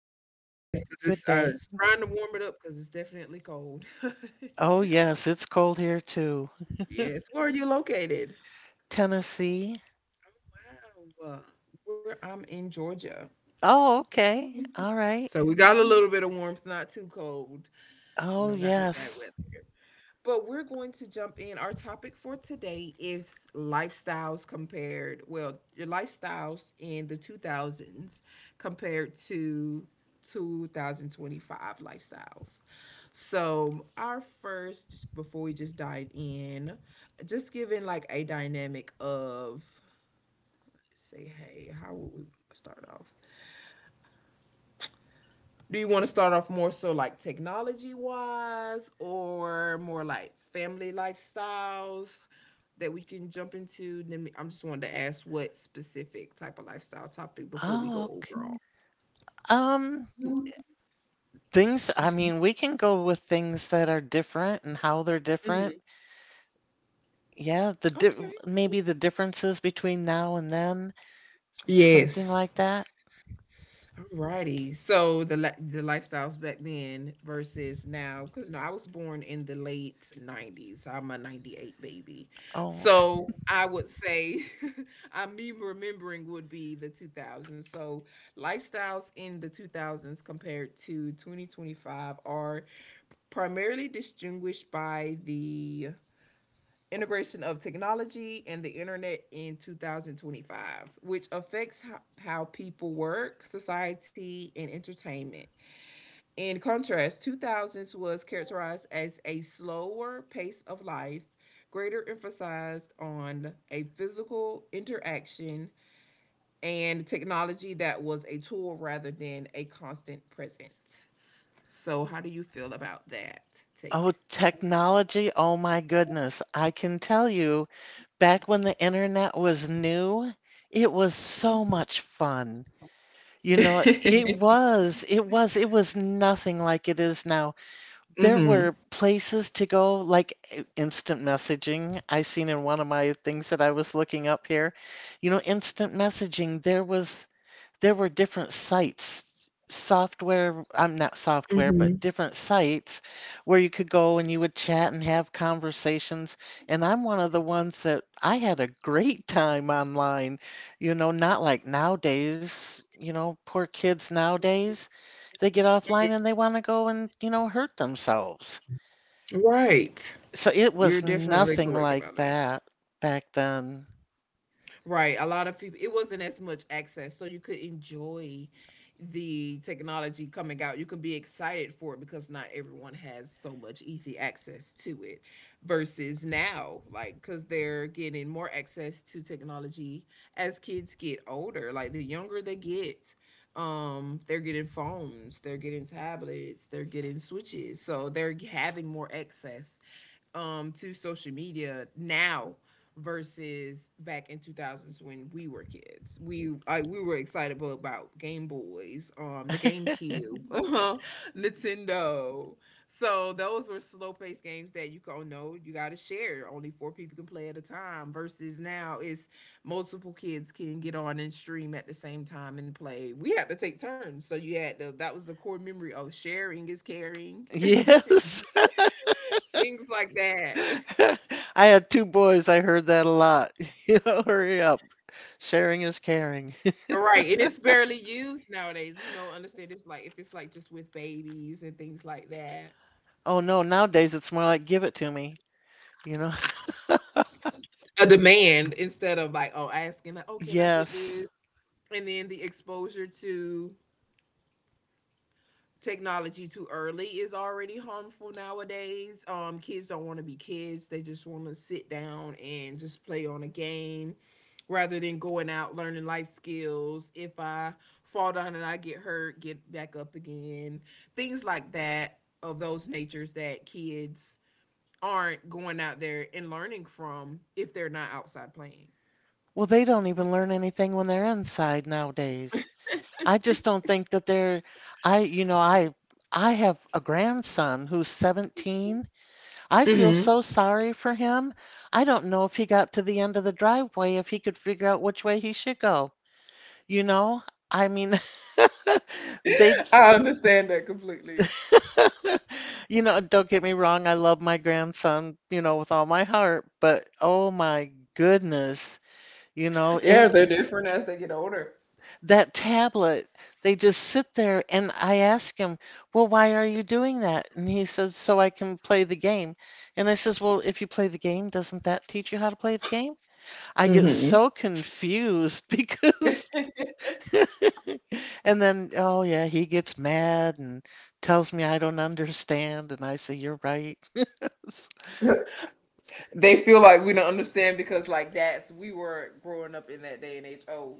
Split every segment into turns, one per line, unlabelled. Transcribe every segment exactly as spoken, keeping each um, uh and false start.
so
Yes, because
good
it's, uh,
day.
it's trying to warm it up because it's definitely cold.
Oh, yes, it's cold here too.
Yes, where are you located?
Tennessee.
Wow, where I'm in Georgia.
Oh, okay. All right.
So we got a little bit of warmth, not too cold. We
Oh,
don't got no bad
yes.
weather. But we're going to jump in. Our topic for today is lifestyles compared, well, your lifestyles in the two thousands compared to two thousand twenty-five lifestyles. So, our first, just before we just dive in, just giving like a dynamic of, say, hey, how would we start off? Do you want to start off more so like technology wise or more like family lifestyles that we can jump into? Let I'm just wanted to ask what specific type of lifestyle topic before we
Oh,
go
okay.
overall.
Um, things, I mean, we can go with things that are different and how they're different.
Hmm.
Yeah, the di
Okay.
maybe the differences between now and then, something
Yes.
like that.
Righty. So the li- the lifestyles back then versus now, because no, I was born in the late nineties. I'm a 'ninety-eight baby,
Oh,
so I would say, I me remembering would be the two thousands. So lifestyles in the two thousands compared to twenty twenty-five are primarily distinguished by the integration of technology and the internet in twenty twenty-five, which affects how, how people work, society, and entertainment. In contrast, two thousands was characterized as a slower pace of life, greater emphasis on a physical interaction and technology that was a tool rather than a constant present. So, how do you feel about that
Oh,
take?
technology. Oh my goodness. I can tell you, back when the internet was new, it was so much fun. You know, it
Mm-hmm.
was, it was, it was nothing like it is now. There were places to go, like eh, instant messaging. I seen in one of my things that I was looking up here, you know, instant messaging. There was there were different sites, software, I'm not software, but
Mm-hmm.
different sites where you could go and you would chat and have conversations. And I'm one of the ones that I had a great time online, you know, not like nowadays, you know, poor kids nowadays, they get offline and they want to go and, you know, hurt themselves.
Right.
So it
You're
was
definitely
nothing
correct
like
about that.
that back then.
Right. A lot of people, it wasn't as much access, so you could enjoy the technology coming out. You could be excited for it because not everyone has so much easy access to it versus now, like, because they're getting more access to technology as kids get older. Like, the younger they get, um they're getting phones, they're getting tablets, they're getting switches, so they're having more access um to social media now versus back in two thousands when we were kids. We I, we were excitable about Game Boys, um, the GameCube, Nintendo. So those were slow paced games that you go no, you got to share. Only four people can play at a time. Versus now, it's multiple kids can get on and stream at the same time and play. We had to take turns, so you had to. That was the core memory of sharing is caring,
Yes.
things like that.
I had two boys. I heard that a lot. You know, hurry up. Sharing is caring.
Right, and it's barely used nowadays. You know, understand it's like if it's like just with babies and things like that.
Oh no, nowadays it's more like give it to me. You know?
A demand instead of like, oh, asking like, oh, can I get
Yes.
this? And then the exposure to technology too early is already harmful nowadays. Um, kids don't want to be kids; they just want to sit down and just play on a game rather than going out learning life skills. If I fall down and I get hurt, get back up again. Things like that of those natures that kids aren't going out there and learning from if they're not outside playing.
Well, they don't even learn anything when they're inside nowadays. I just don't think that they're I, you know, I I have a grandson who's seventeen. I feel
Hmm.
so sorry for him. I don't know if he got to the end of the driveway if he could figure out which way he should go. You know? I mean, they
I understand that completely.
you know, don't get me wrong, I love my grandson, you know, with all my heart, but oh my goodness, you know,
Yeah,
and
they're different as they get older.
that tablet, they just sit there and I ask him, "Well, why are you doing that?" And he says, "So I can play the game." And I says, "Well, if you play the game, doesn't that teach you how to play the game?" I get
Mm-hmm.
so confused because and then, oh yeah, he gets mad and tells me I don't understand, and I say, "You're right."
They feel like we don't understand because like that's we were growing up in that day and age. Oh,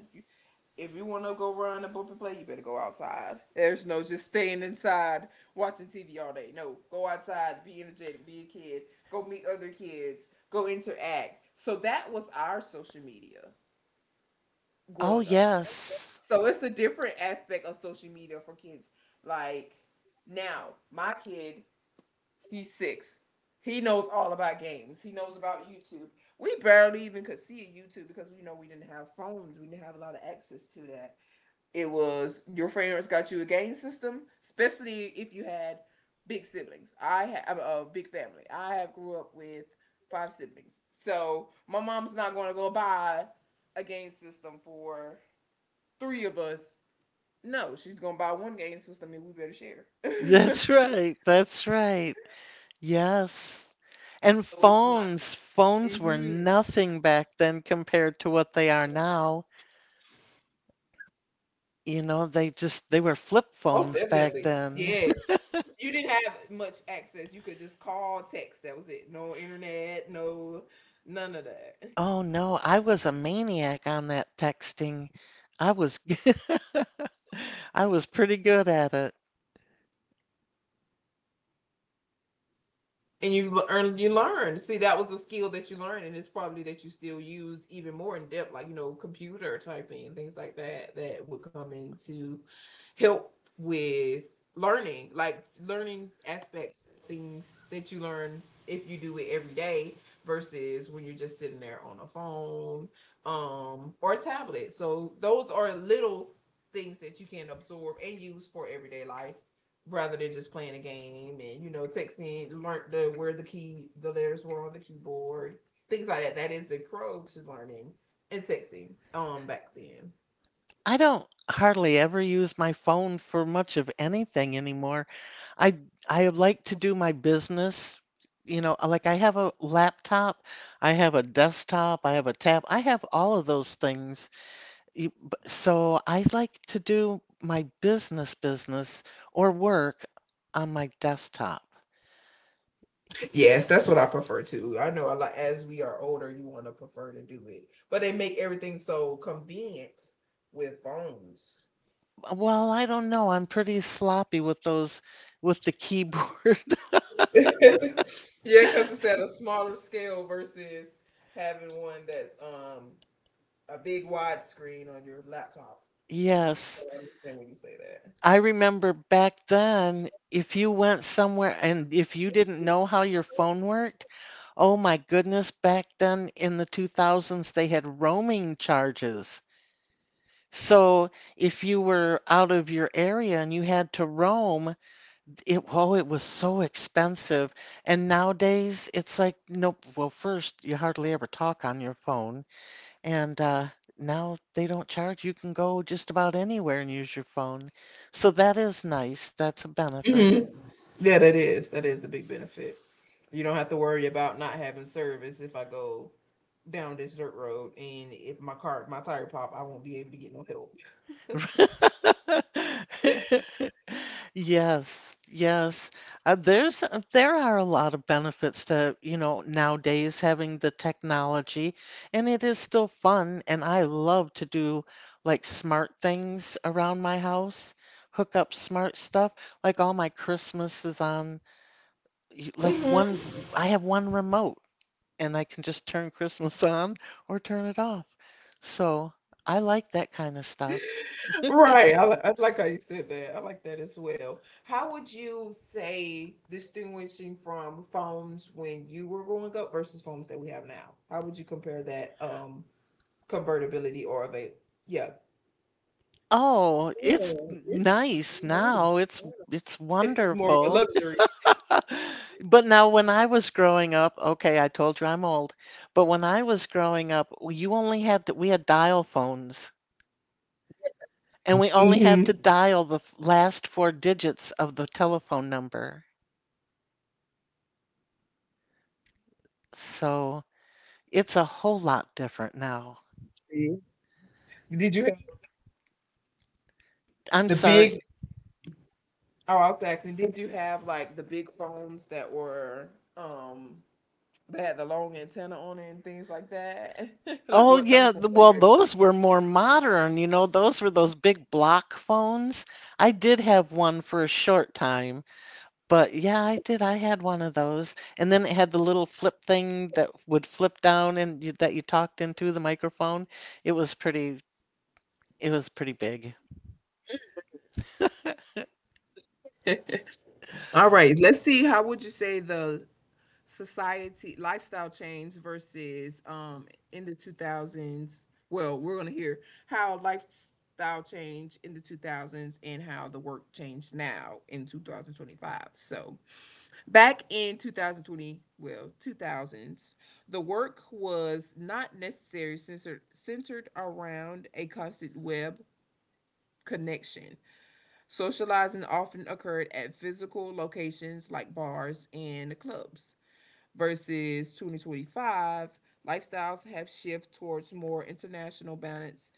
if you want to go run and bump and play, you better go outside. There's no just staying inside watching T V all day. No, go outside, be energetic, be a kid, go meet other kids, go interact. So that was our social media
Oh,
growing up.
yes.
So it's a different aspect of social media for kids. Like now, my kid He's six. He knows all about games. He knows about YouTube. We barely even could see YouTube because we know we didn't have phones. We didn't have a lot of access to that. It was your parents got you a game system, especially if you had big siblings. I have a big family. I have grew up with five siblings. So my mom's not going to go buy a game system for three of us. No, she's going to buy one game system and we better share.
That's
So
right. That's right. Yes. And
it's not.
phones, phones were
Mm-hmm.
nothing back then compared to what they are now. You know, they just, they were flip
Most
phones back
definitely.
then.
Yes. You didn't have much access. You could just call, text. That was it. No internet, no none of that.
Oh no, I was a maniac on that texting. I was, I was pretty good at it.
And you le- earn you learn, see that was a skill that you learned, and it's probably that you still use even more in depth, like, you know, computer typing and things like that that would come in to help with learning, like learning aspects, things that you learn if you do it every day versus when you're just sitting there on a phone um or a tablet. So those are little things that you can absorb and use for everyday life rather than just playing a game, and you know, texting learned the where the key the letters were on the keyboard, things like that, that is a pro to learning and texting um back then.
I don't hardly ever use my phone for much of anything anymore. I I like to do my business, you know, uh, like I have a laptop, I have a desktop, I have a tab, I have all of those things. You- b- So I like to do my business business or work on my desktop.
Yes, that's what I prefer to. I know a lot as we are older you want to prefer to do it, but they make everything so convenient with phones.
Well, I don't know. I'm pretty sloppy with those with the keyboard.
Yeah, because it's at a smaller scale versus having one that's um a big wide screen on your laptop, so
Yes.
I understand when you say
I remember back then, if you went somewhere and if you didn't know
that.
how your phone worked, oh my goodness, back then in the two thousands, they had roaming charges. So if you were out of your area and you had to roam, it, oh, it was so expensive. And nowadays, it's like, nope, well, first, you hardly ever talk on your phone. And uh, now they don't charge. You can go just about anywhere and use your phone. So that is nice. That's a benefit.
Hmm. Yeah, that is that is the big benefit. You don't have to worry about not having service if I go down this dirt road, and if my car my tire pop, I won't be able to get no help.
Yes, yes. Uh, there's uh, there are a lot of benefits to, you know, nowadays having the technology, and it is still fun. And I love to do like smart things around my house, hook up smart stuff. Like all my Christmas is on you- like
Hmm.
one, I have one remote and I can just turn Christmas on or turn it off. So I like that kind of stuff.
Right. I, li- I like how you said that. I like that as well. How would you say distinguishing from phones when you were growing up versus phones that we have now? How would you compare that um convertibility or of a yeah,
Oh, it's
Oh, it's
nice
really
now. It's it's
it's more of a
wonderful.
luxury.
But now when I was growing up, okay, I told you I'm old, but when I was growing up, you only had to, we had dial phones and we only had to
Hmm.
dial the f- last four digits of the telephone number. So it's a whole lot different now.
See. Did you have
I'm
the
sorry.
big? Oh, I was asking. Did you have like the big phones that were um that had the long antenna on it and things like that? Like
Oh
what type of
yeah, th-
phone
well
were
those were more modern, you know, those were those big block phones. I did have one for a short time, but yeah, I did. I had one of those. And then it had the little flip thing that would flip down and you, that you talked into the microphone. It was pretty it was pretty big.
you? All right. Let's see. How would you say the society lifestyle change versus um in the two thousands? Well, we're gonna hear how lifestyle change in the two thousands and how the work changed now in two thousand twenty five. So Back in two thousand twenty, well, two thousands, the work was not necessarily censored, centered around a constant web connection. Socializing often occurred at physical locations like bars and clubs. Versus two thousand twenty-five, lifestyles have shifted towards more international balance,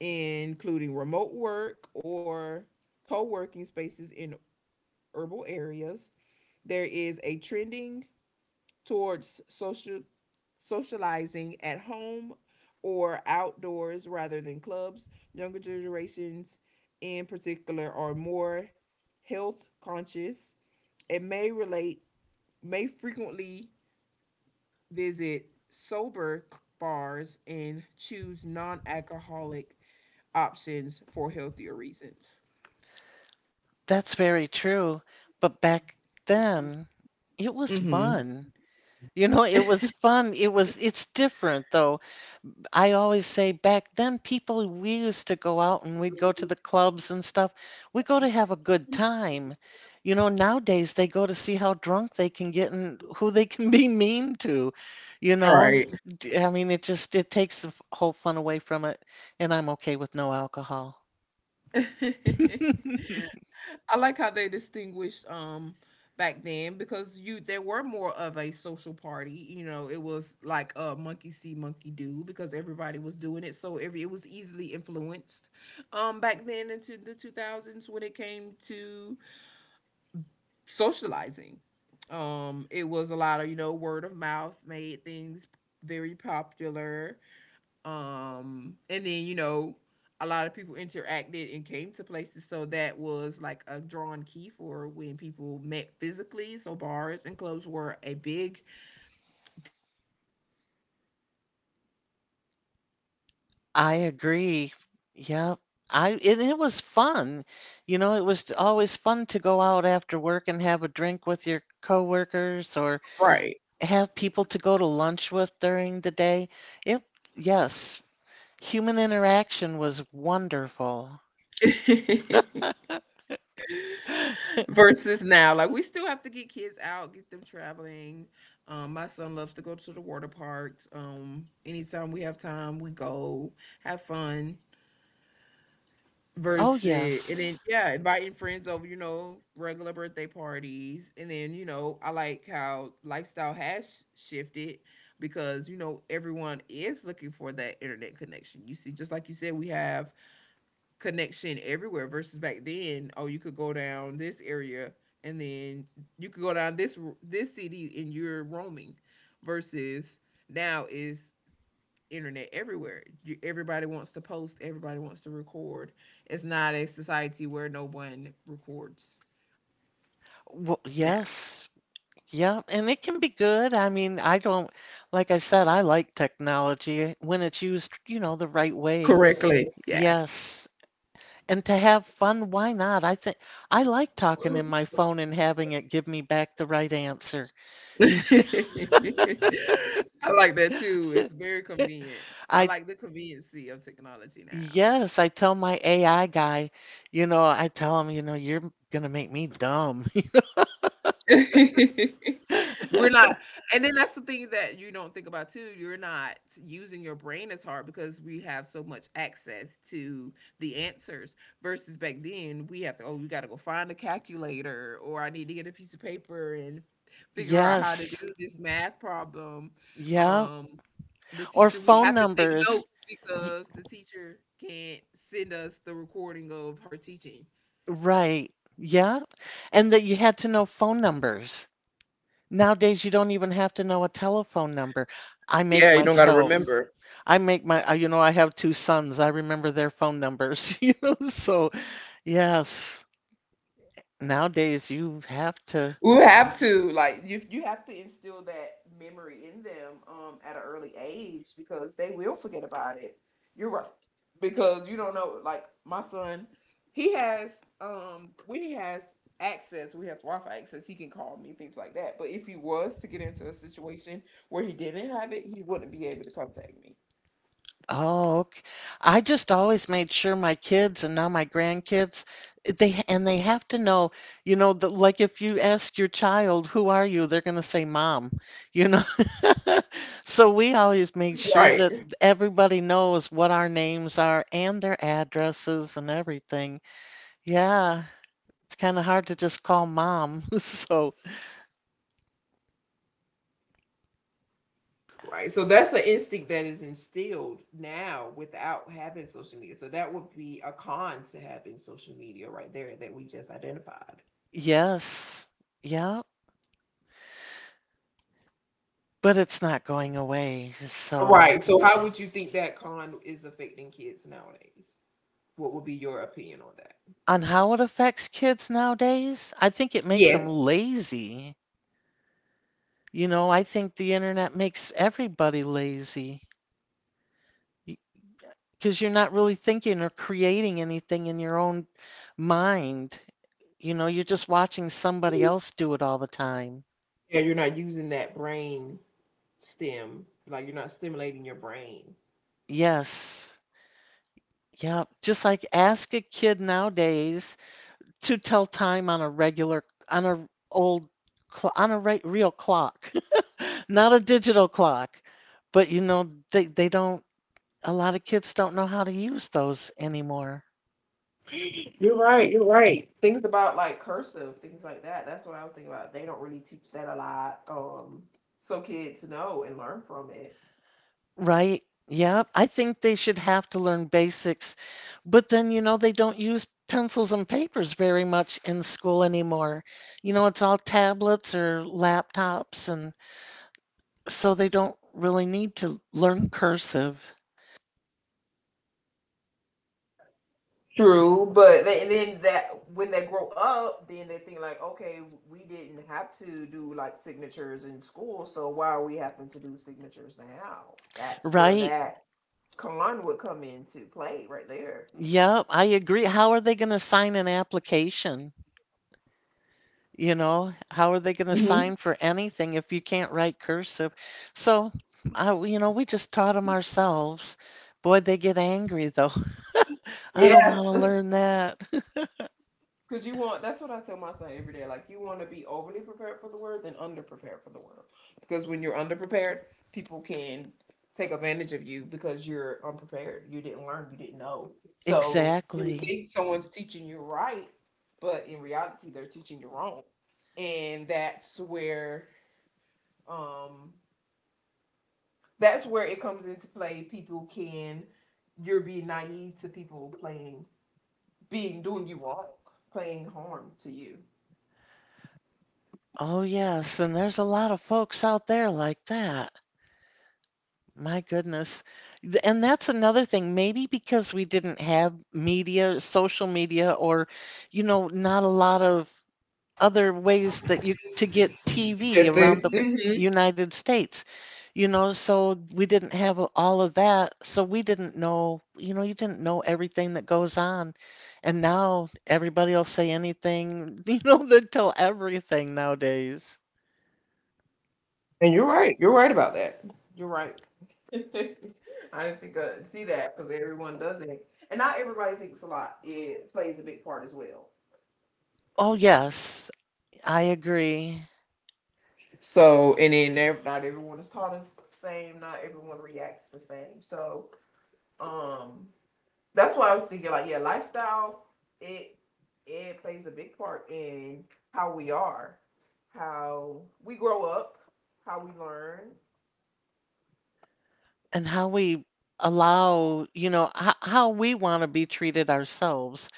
including remote work or co working spaces in urban areas. There is a trending towards social socializing at home or outdoors rather than clubs. Younger generations in particular are more health conscious and may relate may frequently visit sober bars and choose non-alcoholic options for healthier reasons.
That's very true. But back then, it was
Mm-hmm.
fun. You know, it was fun. It was it's different though. I always say back then people we used to go out and we'd go to the clubs and stuff. We go to have a good time. You know, nowadays they go to see how drunk they can get and who they can be mean to. You
All
know,
right.
I mean it just it takes the f- whole fun away from it and I'm okay with no alcohol.
I like how they distinguished um back then because you there were more of a social party. You know, it was like a monkey see, monkey do because everybody was doing it, so every it was easily influenced. Um, back then into the two thousands when it came to socializing, um, it was a lot of you know word of mouth made things very popular. Um, and then you know a lot of people interacted and came to places. So that was like a drawn key for when people met physically. So bars and clubs were a big
I agree. Yeah. I and it was fun. You know, it was always fun to go out after work and have a drink with your coworkers or
right.
have people to go to lunch with during the day. It, yes, human interaction was wonderful.
Versus now, like we still have to get kids out, get them traveling. Um, my son loves to go to the water parks. Um, anytime we have time, we go have fun.
Oh,
Versus and then,
yes.
yeah, inviting friends over, you know, regular birthday parties, and then, you know, I like how lifestyle has sh- shifted because, you know, everyone is looking for that internet connection. You see, just like you said, we have connection everywhere versus back then, oh, you could go down this area and then you could go down this r- this city and you're roaming versus now is internet everywhere. You, everybody wants to post, everybody wants to record. It's not a society where no one records
Well,
now
yes. Yeah, and it can be good. I mean, I don't, like I said, I like technology when it's used, you know, the right way.
correctly. Yeah.
Yes. And to have fun, why not? I think I like talking in my phone and having it give me back the right answer.
I like that too. It's very convenient. I
I
like the conveniency of technology now.
Yes, I tell my A I guy, you know, I tell him, you know, you're gonna make me dumb.
We're not and then that's the thing that you don't think about too. You're not using your brain as hard because we have so much access to the answers versus back then we have to oh you gotta go find a calculator or I need to get a piece of paper and figure out how to
Yes.
do this math problem.
Yeah.
Um the
Or
teacher we
phone
have to take
numbers.
notes
Y-
because the teacher can't send us the recording of her teaching.
Right. Yeah. And that you had to know phone numbers. Nowadays, you don't even have to know a telephone number. I make
Yeah, you don't got to
myself.
remember.
I make my, uh, you know, I have two sons. I remember their phone numbers, you know. So, yes. Nowadays, you have to.
You have to, like you you have to instill that memory in them um at an early age because they will forget about it. You're right. Because you don't know, like, my son, he has um when he has access, we have Wi-Fi access, he can call me, things like that. But if he was to get into a situation where he didn't have it, he wouldn't be able to contact me.
Oh, ok. I just always made sure my kids and now my grandkids, they and they have to know, you know, the, like if you ask your child, "Who are you?" they're going to say mom, you know. So we always make sure
Right?
that everybody knows what our names are and their addresses and everything. Yeah, it's kind of hard to just call mom. So,
Right. So that's an instinct that is instilled now without having social media. So that would be a con to having social media right there that we just identified.
yes. Yeah, but it's not going away. So
Right. So how would you think that con is affecting kids nowadays? What would be your opinion on that?
on how it affects kids nowadays? I think it makes them
Yes.
lazy. You know, I think the internet makes everybody lazy because you're not really thinking or creating anything in your own mind. You know, you're just watching somebody
Mhm.
else do it all the time.
Yeah, you're not using that brain stem. Like, you're not stimulating your brain.
Yes. Yeah. Just like ask a kid nowadays to tell time on a regular on a old cl- on a right real clock, not a digital clock. But you know they they don't a lot of kids don't know how to use those anymore,
You're right. You're right. Things about like cursive, things like that. That's what I was thinking about. They don't really teach that a lot. Um, so kids know and learn from it.
right? Yeah, I think they should have to learn basics, but then you know they don't use pencils and papers very much in school anymore. You know, it's all tablets or laptops and so they don't really need to learn cursive,
True, but then, then that when they grow up, then they think like, okay, we didn't have to do like signatures in school, so why are we having to do signatures now? That's where
right?
that con would come into play right there.
Yep, I agree. How are they going to sign an application? You know, how are they going to
Hmm.
sign for anything if you can't write cursive? So, I, you know, we just taught them ourselves. Boy, they get angry though. I don't want
Yeah,
to learn that.
because you want, that's what I tell my son every day. Like, you want to be overly prepared for the world than underprepared for the world. Because when you're underprepared, people can take advantage of you because you're unprepared. You didn't learn, you didn't know. So you would
Exactly.
think someone's teaching you right, but in reality, they're teaching you wrong. And that's where, um, that's where it comes into play. People can, you're being naive to people playing, being, doing you wrong, playing harm to you.
Oh, yes. And there's a lot of folks out there like that. My goodness. Th- And that's another thing. Maybe because we didn't have media, social media, or, you know, not a lot of other ways that you to get T V
Good
around the
thing. Hmm.
United States, you know, so we didn't have all of that, so we didn't know, you know, you didn't know everything that goes on. And now everybody will say anything, you know, they tell everything nowadays.
And you're right. You're right about that. You're right. I didn't think I see that because everyone does it, and not everybody thinks a lot. It plays a big part as well.
Oh, yes, I agree.
So, and then ev- not everyone is taught as the same. Not everyone reacts the same. So, um, that's why I was thinking like, yeah, lifestyle. It it plays a big part in how we are, how we grow up, how we learn.
And how we allow, you know, how, how we want to be treated ourselves,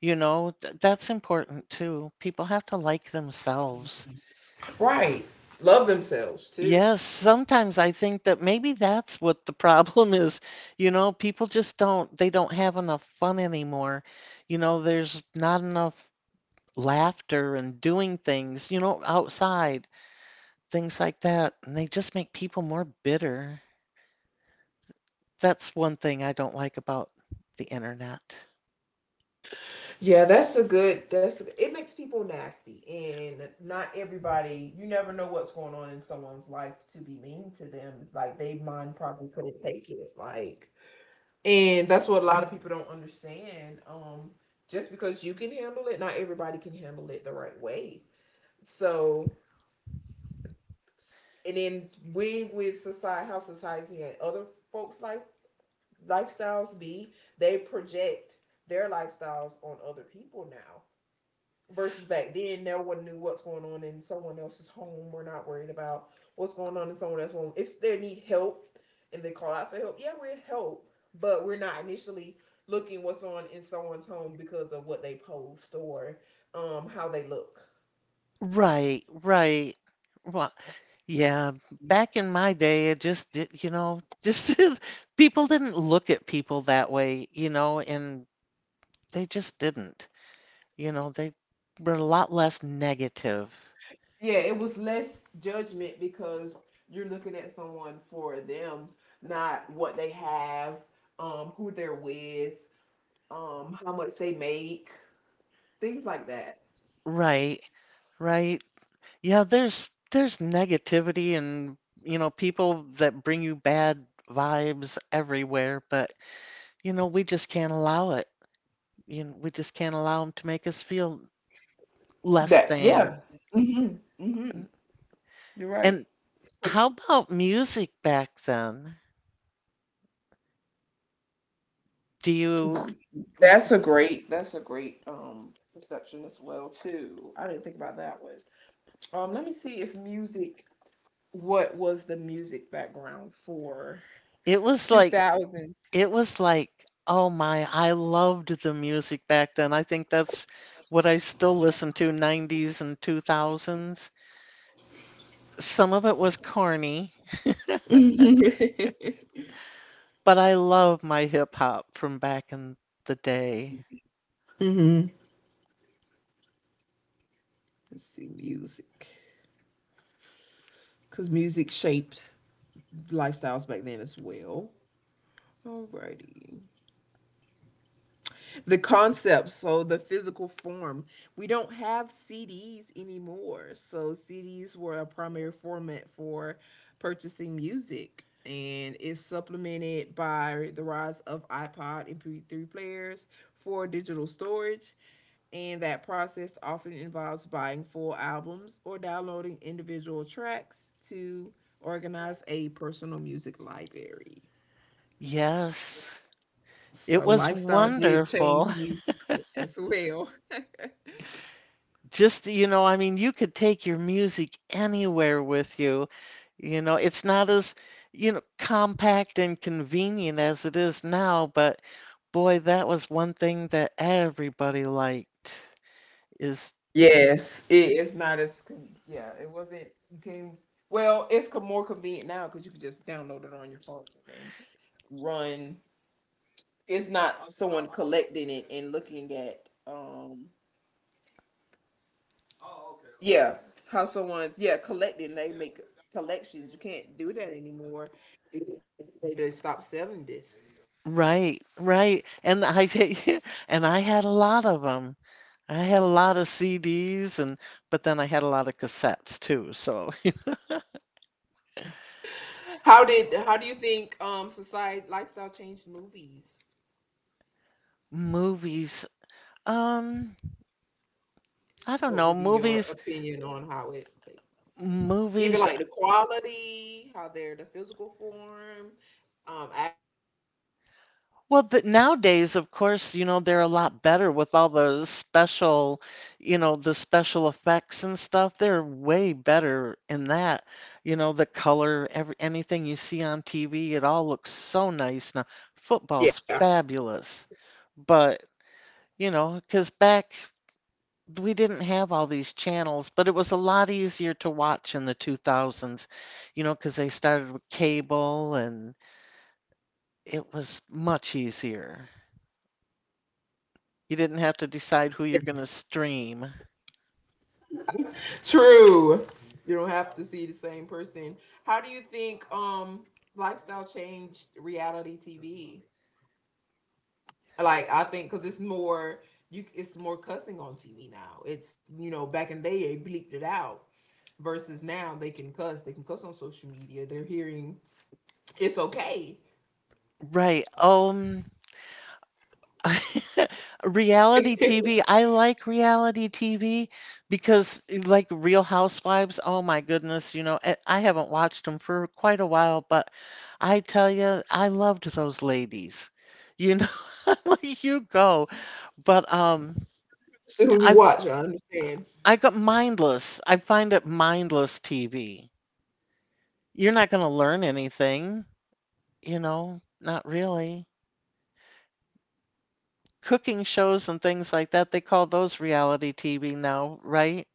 you know, th that's important too. People have to like themselves.
Right. Love themselves too.
Yes, sometimes I think that maybe that's what the problem is. You know, people just don't, they don't have enough fun anymore. You know, there's not enough laughter and doing things, you know, outside, things like that. And they just make people more bitter. That's one thing I don't like about the internet.
Yeah, that's a good. That's, it makes people nasty, and not everybody. You never know what's going on in someone's life to be mean to them. Like, they mind probably couldn't take it. Like, and that's what a lot of people don't understand. Um, just because you can handle it, not everybody can handle it the right way. So, s- and then we, with society, how society and other folks' life lifestyles be, they project their lifestyles on other people now versus back then no one knew what's going on in someone else's home. We're not worried about what's going on in someone else's home. If they need help and they call out for help, yeah, we're help. But we're not initially looking what's on in someone's home because of what they post or um how they look.
Right, right. Well, yeah, back in my day, it just did, you know, just people didn't look at people that way, you know, and they just didn't. You know, they were a lot less negative.
Yeah, it was less judgment because you're looking at someone for them, not what they have, um who they're with, um how much they make, things like that.
Right. Right. Yeah, there's there's negativity and, you know, people that bring you bad vibes everywhere, but you know, we just can't allow it. You know, we just can't allow them to make us feel less
That, yeah,
than.
you're right.
And how about music back then? Do you,
That's a great, that's a great um perception as well too. I didn't think about that one. Um let me see, if music what was the music background for
it was like
two thousand?
It was like, oh my, I loved the music back then. I think that's what I still listen to, nineties and two thousands. Some of it was corny,
Mm-hmm.
but I love my hip hop from back in the day.
Let's see, music. Because music shaped lifestyles back then as well. Alrighty. The concepts, so the physical form, we don't have CDs anymore. So CDs were a primary format for purchasing music, and it's supplemented by the rise of iPod and M P three players for digital storage. And that process often involves buying full albums or downloading individual tracks to organize a personal music library.
Yes, it
So
was
lifestyle did change
wonderful.
music as well.
Just, you know, I mean, you could take your music anywhere with you. You know, it's not as, you know, compact and convenient as it is now, but boy, that was one thing that everybody liked is you could
Yes, it, it's not as con- yeah. It wasn't, you can, well, It's co- more convenient now because you can just download it on your phone and run. It's not someone collecting it and looking at, um yeah, how someone's, yeah, collecting, they make collections. You can't do that anymore. They just stop selling this.
right, right. And I and I had a lot of them. I had a lot of C Ds, and but then I had a lot of cassettes too. So
How did how do you think um society lifestyle changed movies?
movies, um, I don't
What
know,
would be your
movies,
opinion on how it? Even
movies
like the quality, how they're the physical form. Um, act-
Well, th nowadays, of course, you know, they're a lot better with all those special, you know, the special effects and stuff. They're way better in that. You know, the color, every anything you see on T V, it all looks so nice now. Football's
yeah,
fabulous. But, you know, 'cause back we didn't have all these channels, but it was a lot easier to watch in the two thousands, you know, 'cause they started with cable and it was much easier. You didn't have to decide who you're going to stream.
true. You don't have to see the same person. How do you think um lifestyle changed reality T V? Like, I think because it's more you, it's more cussing on T V now. It's, you know back in the day they bleeped it out versus now they can cuss. They can cuss on social media. They're hearing it's okay.
Right. Um, reality T V. I like reality T V because, like Real Housewives, oh my goodness, you know, I I haven't watched them for quite a while, but I tell you, I loved those ladies. You know, like you go. But um,
So who you
I
watch, I understand.
I got mindless. I find it mindless T V. You're not going to learn anything, you know, not really. Cooking shows and things like that, they call those reality T V now, right?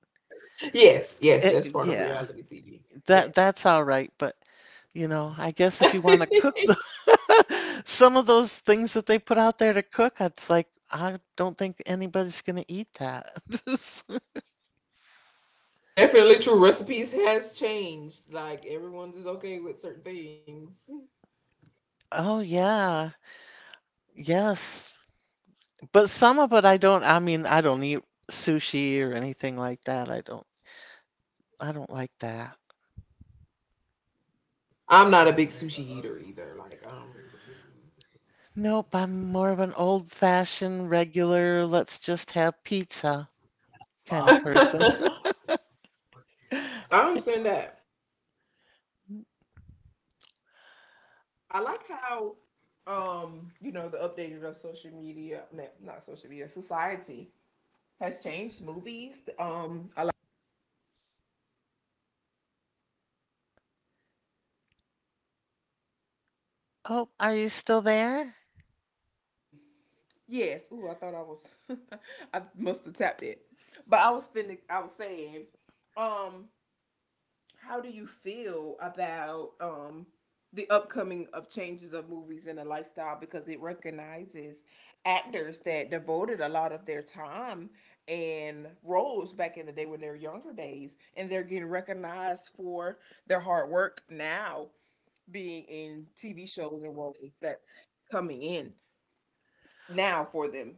Yes, yes,
It,
that's part of
yeah,
reality T V. Yeah.
that that's all right, but you know, I guess if you want to cook the some of those things that they put out there to cook, it's like I don't think anybody's going to eat that.
Definitely true. Recipes has changed. Like, everyone's is okay with certain things.
Oh yeah. Yes. But some of it I don't I mean, I don't eat sushi or anything like that. I don't I don't like that.
I'm not a big sushi eater either. Like um
Nope, I'm more of an old-fashioned, regular, let's just have pizza kind of person.
I understand that. I like how, um, you know, the updated of social media, no, not social media, society has changed. Movies. Um I like.
Oh, are you still there?
Yes. Ooh, I thought I was, I must have tapped it. But I was finna I was saying, um, how do you feel about um the upcoming of changes of movies and the lifestyle, because it recognizes actors that devoted a lot of their time and roles back in the day when they were younger days, and they're getting recognized for their hard work now, being in T V shows and roles that's coming in now for them.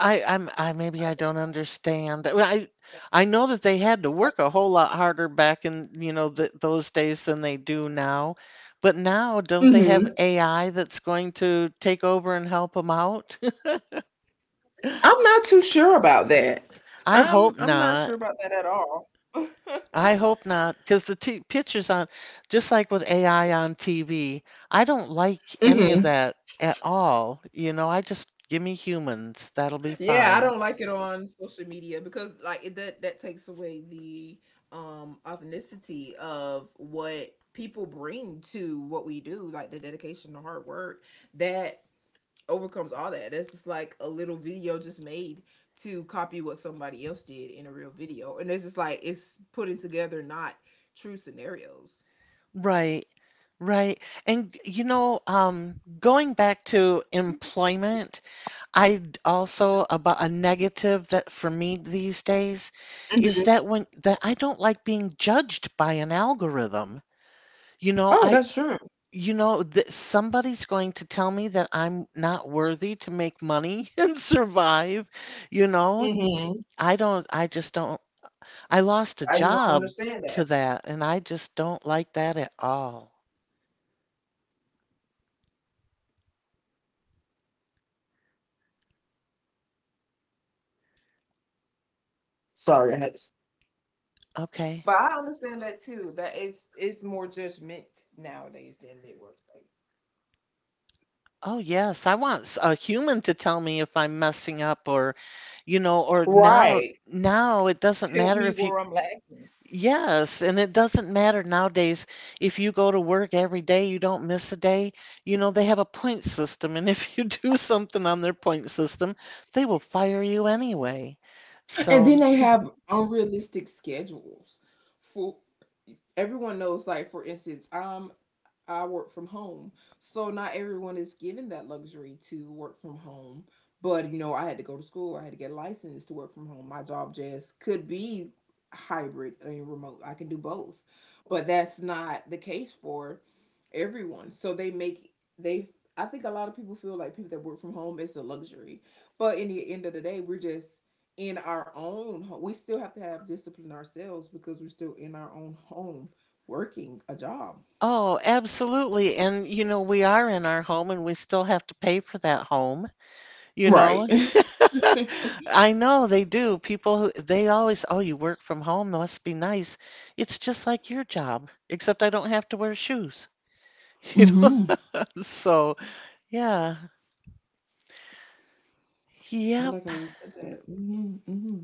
I, I'm, I maybe I don't understand. Well, I, I know that they had to work a whole lot harder back in, you know, th those days than they do now. But now, don't they have
Hmm.
A I that's going to take over and help them out?
I'm not too sure about that.
I
I'm
hope
I'm not sure
not.
about that at all.
I hope not, because the t pictures on, just like with A I on T V, I don't like any of
Hmm.
that at all. You know, I just give me humans. That'll be
Yeah, I
fine.
don't like it on social media because, like, it, that that takes away the um authenticity of what people bring to what we do, like the dedication, the hard work that overcomes all that. That's just like a little video just made to copy what somebody else did in a real video. And it's just like it's putting together not true scenarios.
Right, right. And you know, um, going back to employment, I d- also about a negative that for me these days is
Mhm.
that when that I don't like being judged by an algorithm. You know,
Oh,
I
that's true.
You know, that somebody's going to tell me that I'm not worthy to make money and survive. You know,
Hmm.
I don't, I just don't, I lost a
I you don't
job
understand that.
to that, and I just don't like that at all.
Sorry, I had to.
Okay.
But I understand that too. That it's it's more judgment nowadays than it was. Like,
Oh, yes. I want s- a human to tell me if I'm messing up or, you know, or now,
right.
now it doesn't
Help
matter
me
if you
where I'm lacking.
yes, and it doesn't matter nowadays if you go to work every day, you don't miss a day. You know, they have a point system, and if you do something on their point system, they will fire you anyway.
And
So,
then they have unrealistic schedules. For everyone knows, like, for instance, I'm I work from home. So not everyone is given that luxury to work from home. But you know, I had to go to school. I had to get a license to work from home. My job just could be hybrid and remote. I can do both. But that's not the case for everyone. So they make they I think a lot of people feel like people that work from home is a luxury. But in the end of the day, we're just in our own home. We still have to have discipline ourselves because we're still in our own home working a job.
oh, absolutely. And, you know, we are in our home and we still have to pay for that home, you know?
Right.
I know they do. People, who- they always, oh, you work from home, must be nice. It's just like your job, except I don't have to wear shoes, you
Hmm.
know? So, yeah.
I like
Yep.
how you said that. Hmm. Hmm.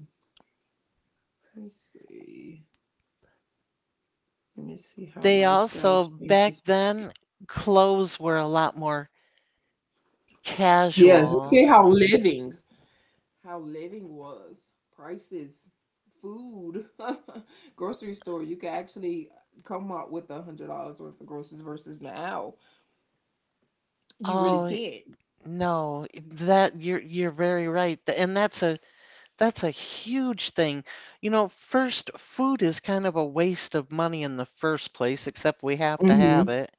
Let me see. Let me see how
They
lifestyle
also
changes.
back then clothes were a lot more
Yes, let's
casual.
see how living, how living, was. Prices, food, grocery store. You can actually come up with a hundred dollars worth of groceries versus now. You really
Oh
can't.
no, that you're you're very right. Th- And that's a that's a huge thing. You know, first food is kind of a waste of money in the first place, except we have to have
Hmm.
it,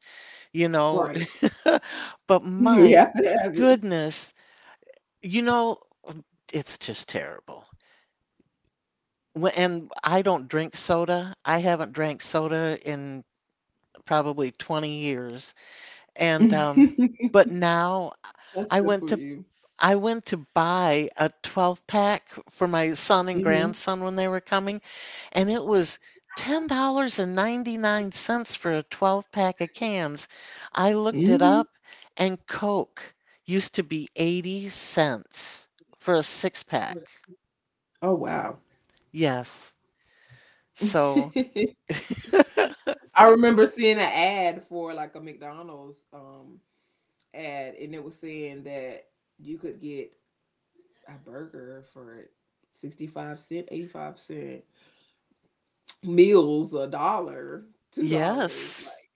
you know.
Right.
But
We
my
have to have it.
goodness, you know, it's just terrible. Wh- And I don't drink soda. I haven't drank soda in probably twenty years. And um, but now
That's
I
good
went
for
to
you.
I went to buy a twelve pack for my son and
Hmm.
grandson when they were coming, and it was ten dollars and ninety-nine cents for a twelve pack of cans. I looked it
Hmm.
up, and Coke used to be eighty cents for a six pack.
Oh wow.
Yes. So
I remember seeing an ad for like a McDonald's um ad, and it was saying that you could get a burger for sixty five cent, eighty five cent, meals a dollar, two dollars,
yes.
like,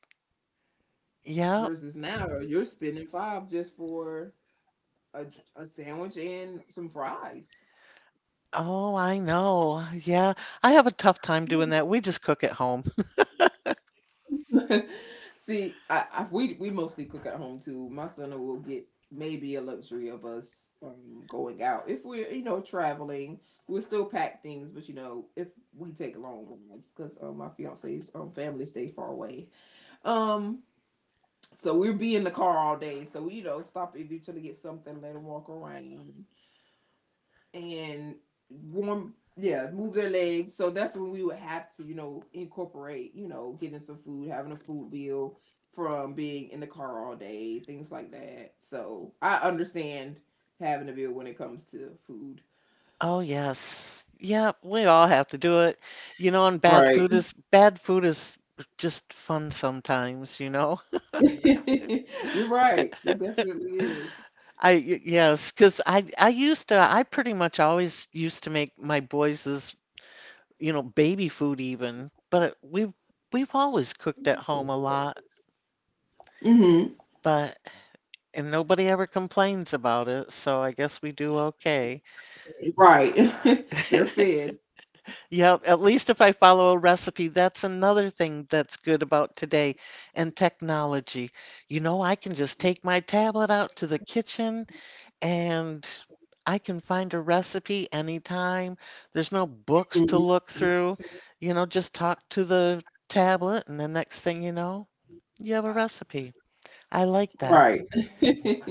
Yeah.
versus now you're spending five just for a, a sandwich and some fries.
Oh, I know. Yeah. I have a tough time doing that. We just cook at home.
See, I, I we we mostly cook at home too. My son will get maybe a luxury of us um, going out if we're, you know, traveling. We'll still pack things, but, you know if we take long rides because, um, my fiance's, um, family stay far away. Um, so we'll be in the car all day. So we, you know stop, eventually get something, let him walk around and warm yeah, move their legs. So that's when we would have to, you know incorporate, you know getting some food, having a food bill from being in the car all day, things like that. So I understand having a bill when it comes to food.
Oh, yes. Yeah, we all have to do it. You know, and bad
Right.
food is bad food is just fun sometimes, you know.
You're right, it definitely is.
I y- yes, 'cause I I used to I pretty much always used to make my boys', you know, baby food even, but we've we've always cooked at home a lot,
Hmm.
but and nobody ever complains about it, so I guess we do okay.
Right. They're fed.
Yeah, at least if I follow a recipe, that's another thing that's good about today and technology. You know, I can just take my tablet out to the kitchen and I can find a recipe anytime. There's no books to
Mhm.
look through. You know, just talk to the tablet, and the next thing you know, you have a recipe. I like that.
Right.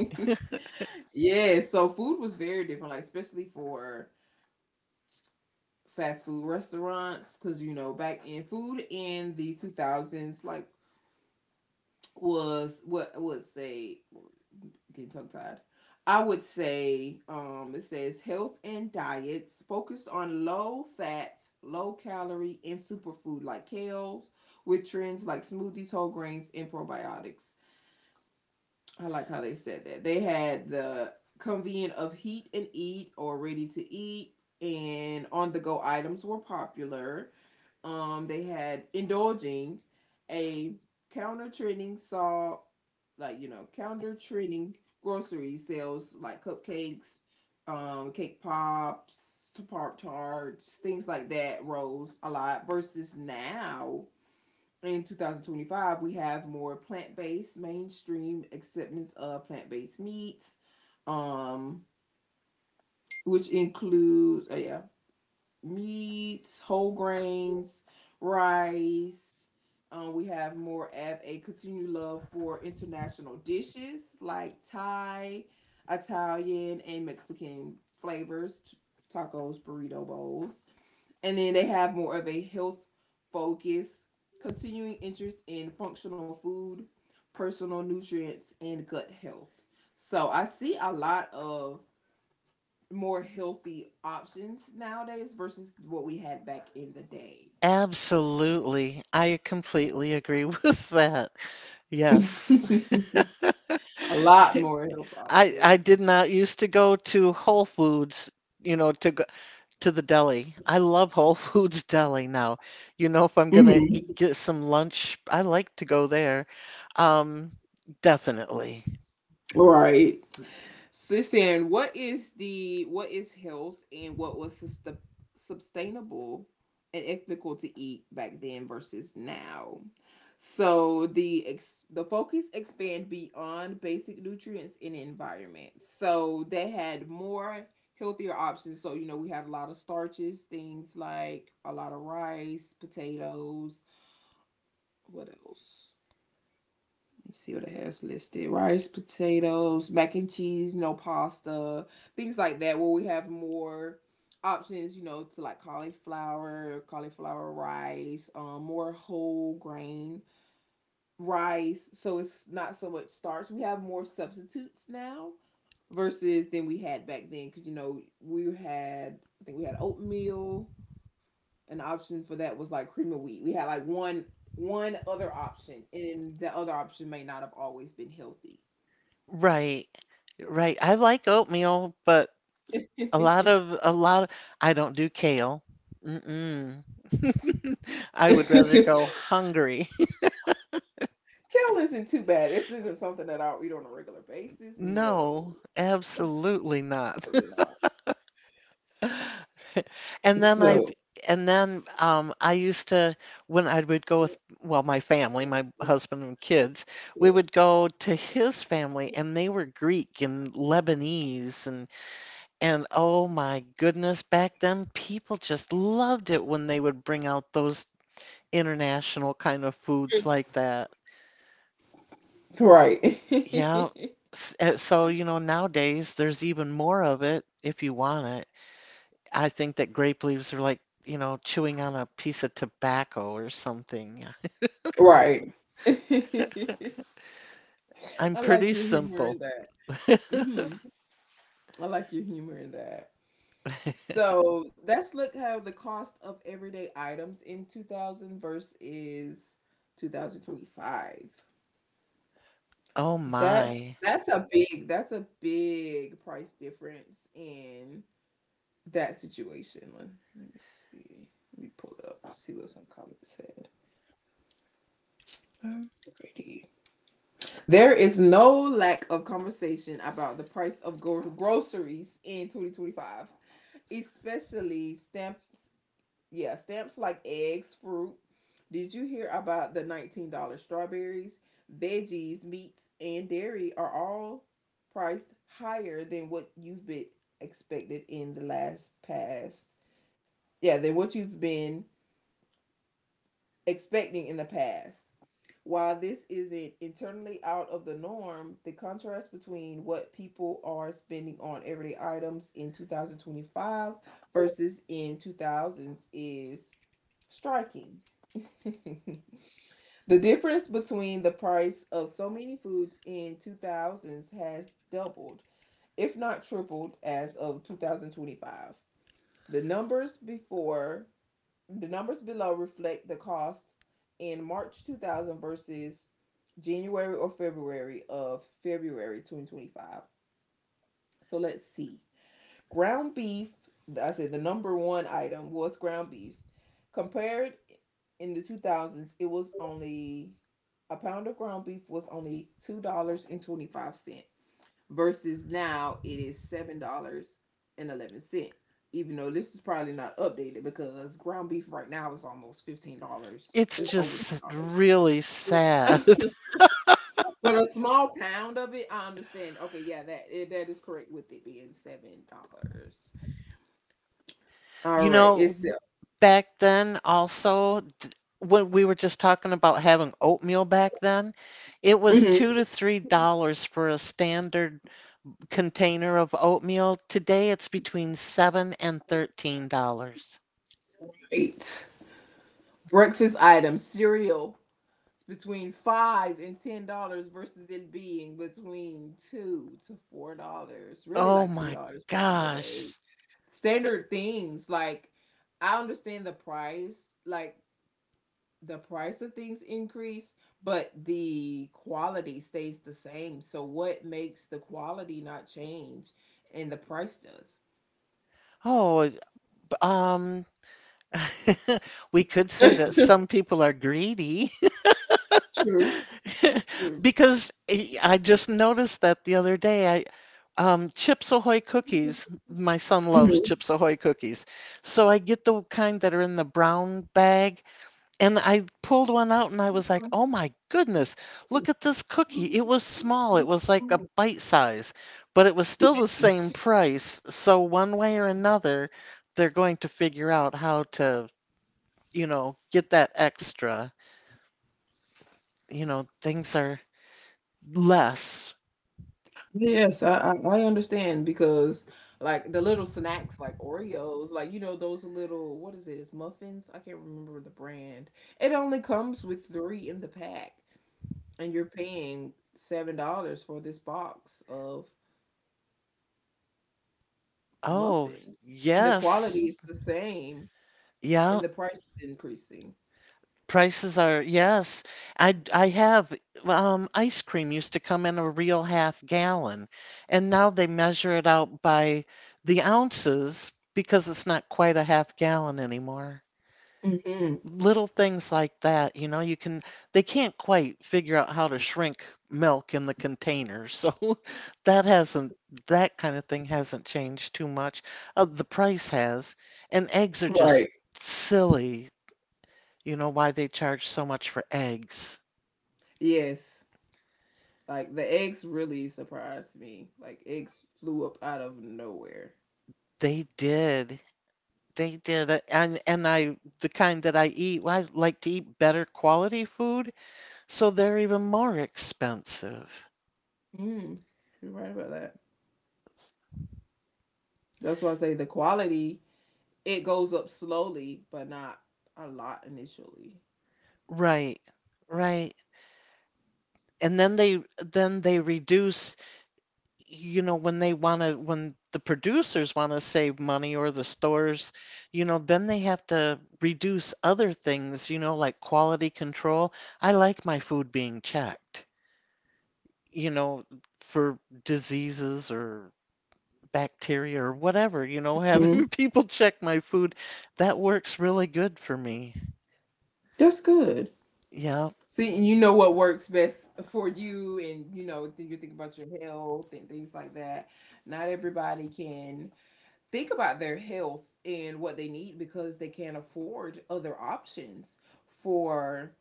Yeah, so food was very different, like, especially for fast food restaurants. Because, you know back in food in the two thousands, like, was what I would say, getting tongue tied, I would say, um it says health and diets focused on low fat, low calorie and superfood like kales, with trends like smoothies, whole grains and probiotics. I like how they said that. They had the convenient of heat and eat or ready to eat and on the go items were popular. Um, they had indulging a counter trending saw, like you know, counter trending grocery sales like cupcakes, um, cake pops, pop tarts, things like that rose a lot. Versus now in twenty twenty-five, we have more plant based mainstream acceptance of plant based meats, um, which includes oh yeah, meats, whole grains, rice. Um, we have more of a continued love for international dishes like Thai, Italian, and Mexican flavors, tacos, burrito bowls. And then they have more of a health focus, continuing interest in functional food, personal nutrients, and gut health. So I see a lot of more healthy options nowadays versus what we had back in the day.
Absolutely. I completely agree with that. Yes.
A lot more health
I I
options.
did not used to go to Whole Foods, you know, to go to the deli. I love Whole Foods deli now. You know, if I'm gonna
Mm-hmm.
eat, get some lunch, I like to go there. Um, Definitely.
All right. So saying what is the what is health and what was sust- sustainable and ethical to eat back then versus now? So the ex- the focus expand beyond basic nutrients and environment. So they had more healthier options. So you know we had a lot of starches, things like a lot of rice, potatoes. What else? Let's see what it has listed: rice, potatoes, mac and cheese, no pasta, things like that. Where we have more options, you know, to like cauliflower, cauliflower rice, um, more whole grain rice. So it's not so much starch. We have more substitutes now versus than we had back then. Because you know we had, I think we had oatmeal. An option for that was like cream of wheat. We had like one one other option, and the other option may not have always been healthy.
Right. Right. I like oatmeal, but a lot
Kale
of a lot of, I don't do kale. Mm-mm. I would rather go hungry.
isn't too bad. This isn't something that I'll eat on a regular basis.
No,
No,
absolutely not.
probably not.
And then I've
So,
and then um, I used to when I would go with, well, my family, my husband and kids, we would go to his family and they were Greek and Lebanese and and oh my goodness, back then people just loved it when they would bring out those international kind of foods like that.
right.
Yeah. S- uh, So, you know, nowadays there's even more of it if you want it. I think that grape leaves are like, you know, chewing on a piece of tobacco or something.
Right.
I'm
I like
pretty
your humor in
simple.
that. Hmm. I like your humor in that. So, let's look how the cost of everyday items in two thousand versus two thousand twenty-five.
Oh
Cause that's
my.
that's a big that's a big price difference in that situation. Let, me see. Let me pull it up. I'll see what some comments said. Alrighty. There is no lack of conversation about the price of gro- groceries in twenty twenty-five, especially stamps. Yeah, stamps like eggs, fruit. Did you hear about the nineteen dollar strawberries? Veggies, meats, and dairy are all priced higher than what you've been expected in the last past. Yeah, than what you've been expecting in the past. While this isn't internally out of the norm, the contrast between what people are spending on everyday items in two thousand twenty-five versus in two thousands is striking. The difference between the price of so many foods in two thousands has doubled, if not tripled, as of two thousand twenty-five. The numbers before the numbers below reflect the cost in March two thousand versus January or February of February twenty twenty-five. So let's see. Ground beef, I said the number one item was ground beef. Compared in the two thousands, it was only a pound of ground beef was only two dollars and twenty-five cents versus now it is seven dollars and eleven cent. Even though this is probably not updated because ground beef right now is almost fifteen dollars.
It's
It's over
just
ten
really sad.
dollars. But a small pound of it, I understand. Okay, yeah, that eh, that is correct with it being seven dollars. All
You
right,
know,
it's
back then also, th- when we were just talking about having oatmeal back then, it was
Mhm.
two to three dollars for a standard container of oatmeal. Today it's between seven and thirteen dollars.
eight breakfast items cereal. Between five and ten dollars versus it being between two to four dollars. Really,
Oh
like two
my
dollars back in the day.
gosh.
Standard things. Like I understand the price, like the price of things increase, but the quality stays the same. So what makes the quality not change and the price does?
Oh, um, we could say that some people are greedy
True, true.
because I I just noticed that the other day. I um, Chips Ahoy cookies. My son loves
Mhm.
Chips Ahoy cookies, so I get the kind that are in the brown bag. And I pulled one out and I was like, "Oh my goodness, look at this cookie! It was small. It was like a bite size, but it was still the same
Yes.
price. So one way or another, they're going to figure out how to." You know, get that extra. You know, things are less.
Yes, I, I I understand because like the little snacks like Oreos, like you know those little what is it? It's muffins. I can't remember the brand. It only comes with three in the pack, and you're paying seven dollars for this box of
Oh,
muffins, and the quality
yes.
is the same, and
Yeah,
the price is increasing.
prices are, yes. I I have um ice cream used to come in a real half gallon, and now they measure it out by the ounces because it's not quite a half gallon anymore.
Hmm.
Little things like that, you know, you can they can't quite figure out how to shrink milk in the container. So that hasn't that kind of thing hasn't changed too much. Uh, the price has, and eggs are just
Right.
silly, you know, why they charge so much for eggs.
Yes. Like the eggs really surprised me. Like eggs flew up out of nowhere.
They did. They did. Uh, And and I the kind that I eat, well, I like to eat better quality food, so they're even more expensive.
Mm, you're right about that. That's why I say the quality it goes up slowly, but not a lot initially.
Right. Right. And then they then they reduce, you know, when they want to when the producers want to save money, or the stores, you know, then they have to reduce other things, you know, like quality control. I like my food being checked, you know, for diseases or bacteria or whatever, you know,
Mm-hmm.
having people check my food, that works really good for me.
That's good.
Yeah.
See, and you know what works best for you, and you know, then you think about your health and things like that. Not everybody can think about their health and what they need because they can't afford other options for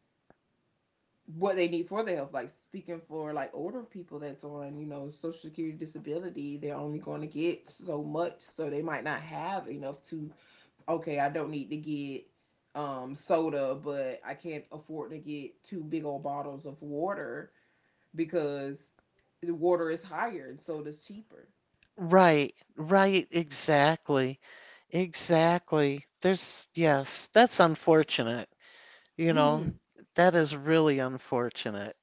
what they need for their health. Like speaking for like older people that's on, you know, social security disability, they're only going to get so much, so they might not have enough to. Okay, I don't need to get um soda, but I can't afford to get two big old bottles of water because the water is higher and soda's cheaper.
Right, right, exactly. Exactly. There's, yes, that's unfortunate. You know,
Mm-hmm.
that is really unfortunate.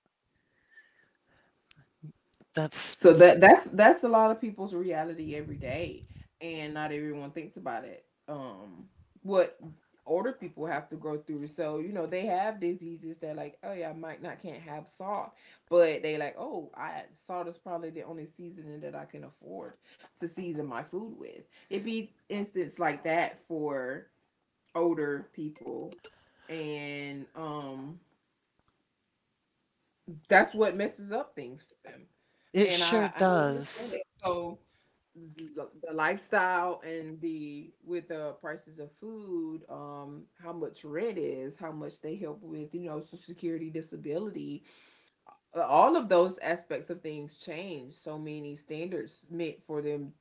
That's,
So that that's that's a lot of people's reality every day, and not everyone thinks about it. Um, what older people have to go through. So you know they have diseases that like, oh yeah, I might not can't have salt, but they like, oh, I salt is probably the only seasoning that I can afford to season my food with. It'd be instance like that for older people, and um, that's what messes up things for them,
it
and
sure
I I don't understand
does.
it. So the the lifestyle and the with the prices of food, um, how much rent is, how much they help with, you know, social security, disability, uh, all of those aspects of things change. So many standards meant for them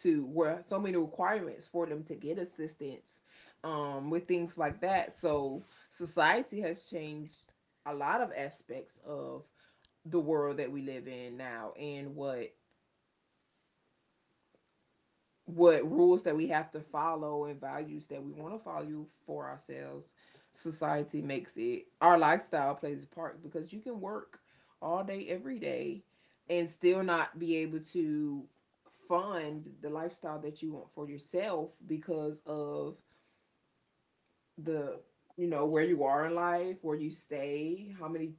to where so many requirements for them to get assistance, um, with things like that. So society has changed a lot of aspects of the world that we live in now and what what rules that we have to follow and values that we want to follow for ourselves. Society makes it our lifestyle plays a part because you can work all day every day and still not be able to fund the lifestyle that you want for yourself because of the you know where you are in life, where you stay, how many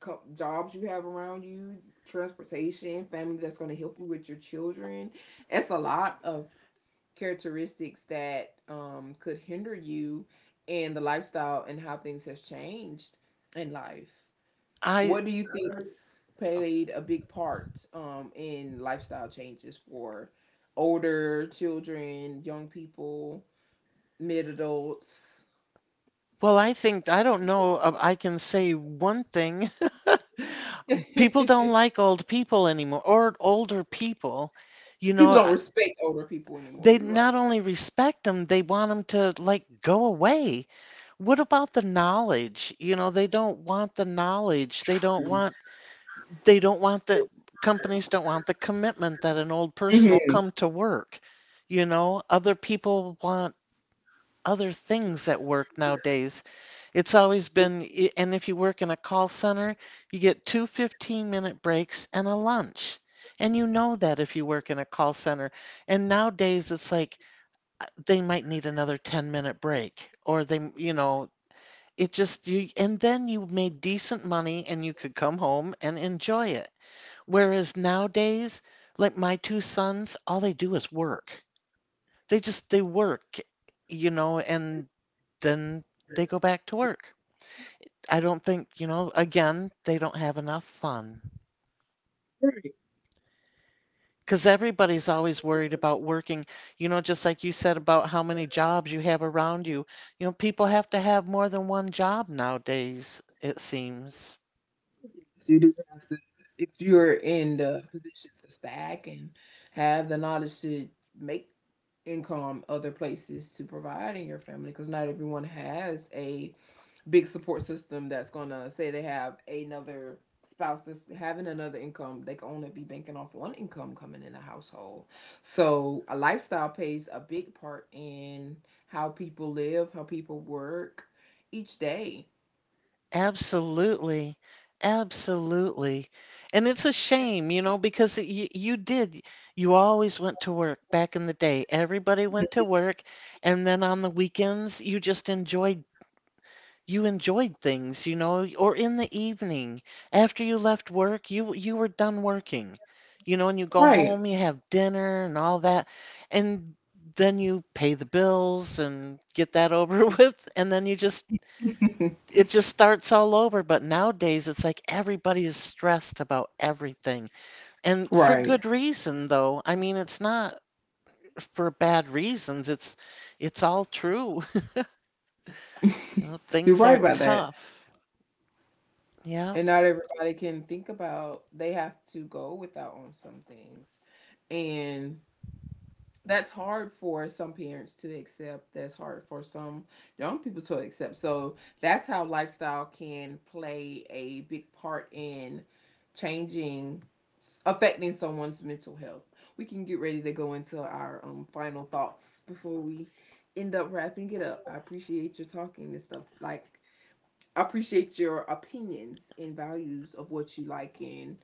co- jobs you have around you, transportation, family that's going to help you with your children. It's a lot of characteristics that um, could hinder you and the lifestyle and how things have changed in life.
I,
What do you think played a big part um, in lifestyle changes for older children, young people, mid adults?
well, I think, I don't know, uh, I can say one thing. People don't like old people anymore, or older people. You
People
know,
don't
I-
respect older people anymore.
they
You're
not
right.
only respect them, they want them to, like, go away. What about the knowledge? You know, they don't want the knowledge. They don't want they don't want the Companies don't want the commitment that an old person will
Mhm.
come to work. You know, other people want other things at work nowadays. It's always been, i- and if you work in a call center, you get two fifteen minute breaks and a lunch. And you know that if you work in a call center. And nowadays it's like uh, they might need another ten minute break, or they, you know, it just you and then you made decent money and you could come home and enjoy it. Whereas nowadays, like my two sons, all they do is work. They just they work, you know, and then they go back to work. I don't think, you know, again, they don't have enough fun. Because everybody's always worried about working, you know, just like you said about how many jobs you have around you. You know, people have to have more than one job nowadays, it seems.
So you do have to, if you're in the position to stack and have the knowledge to make income other places to provide in your family, because not everyone has a big support system that's gonna say they have another spouse that's having another income. They can only be banking off one income coming in a household. So a lifestyle plays a big part in how people live, how people work each day.
Absolutely. Absolutely. And it's a shame, you know, because it, you, you did, you always went to work back in the day. Everybody went to work, and then on the weekends, you just enjoyed, you enjoyed things, you know, or in the evening after you left work, you you were done working, you know, and you go
Right.
home, you have dinner and all that, and then you pay the bills and get that over with, and then you just it just starts all over. But nowadays, it's like everybody is stressed about everything. And for
Right.
good reason, though. I mean, it's not for bad reasons. It's it's all true. You know,
You're
things
right
are
about that.
tough. Yeah.
And not everybody can think about they have to go without on some things. And that's hard for some parents to accept. That's hard for some young people to accept. So that's how lifestyle can play a big part in changing, affecting someone's mental health. We can get ready to go into our um, final thoughts before we end up wrapping it up. I appreciate your talking and stuff. Like I appreciate your opinions and values of what you like in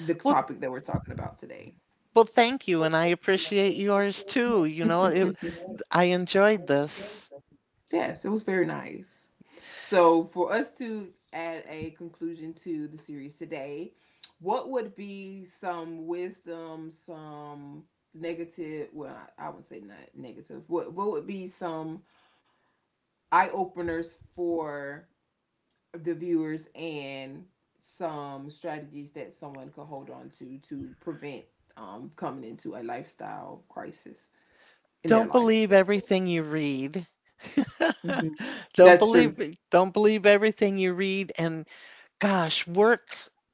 the
Well,
topic that we're talking about today.
well, thank you,
Well,
and I
thank you, and
appreciate
I
yours too. You
appreciate that
know,
too.
it, I enjoyed
Yes, I enjoyed
this.
this. Yes, it was very nice. So, for us to add a conclusion to the series today, what would be some wisdom, some negative, well, I I wouldn't say not negative, what, what would be some eye openers for the viewers and some strategies that someone could hold on to to prevent um, coming into a lifestyle crisis in their
Don't
life.
believe everything you read.
Mm-hmm.
Don't
That's
believe
true.
don't believe everything you read, and gosh, work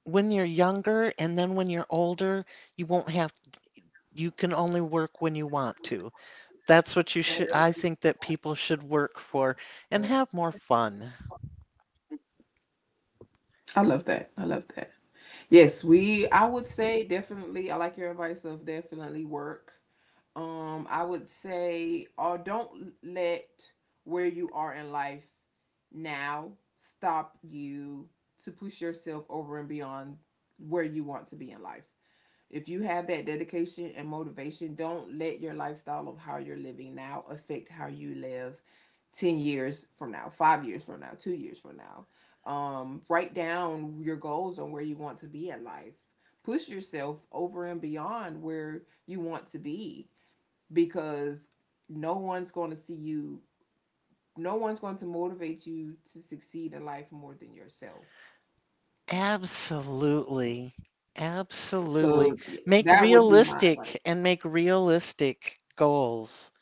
when you're younger, and then when you're older, you won't have you can only work when you want to. That's what you should I think that people should work for, and have more fun.
I love that. I love that. Yes, we, I would say definitely, I like your advice of definitely work. Um, I would say, or don't let where you are in life now stop you to push yourself over and beyond where you want to be in life. If you have that dedication and motivation, don't let your lifestyle of how you're living now affect how you live ten years from now, five years from now, two years from now. Um, write down your goals on where you want to be in life. Push yourself over and beyond where you want to be because no one's going to see you, no one's going to motivate you to succeed in life more than yourself,
Absolutely.
so
Absolutely. Make
that would be my advice.
realistic and make realistic goals.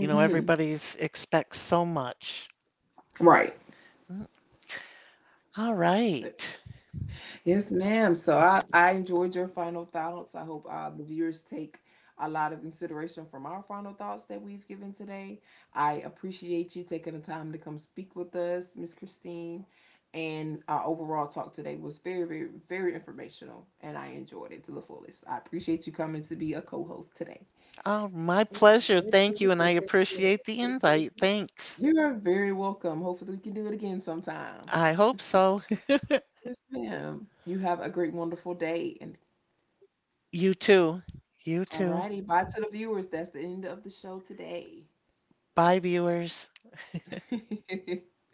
You know, everybody expects so much.
Right.
Mm. All right.
Yes, ma'am. So I, I enjoyed your final thoughts. I hope uh, the viewers take a lot of consideration from our final thoughts that we've given today. I appreciate you taking the time to come speak with us, Miss Christine. And our overall talk today was very, very, very informational, and I enjoyed it to the fullest. I appreciate you coming to be a co host today.
Oh, my pleasure. Thank you. And I appreciate the invite. Thanks.
You're very welcome. Hopefully, we can do it again sometime.
I hope so.
Yes, ma'am. You have a great, wonderful day, and
You too. You
all
too.
righty. Bye to the viewers. That's the end of the show today.
Bye, viewers.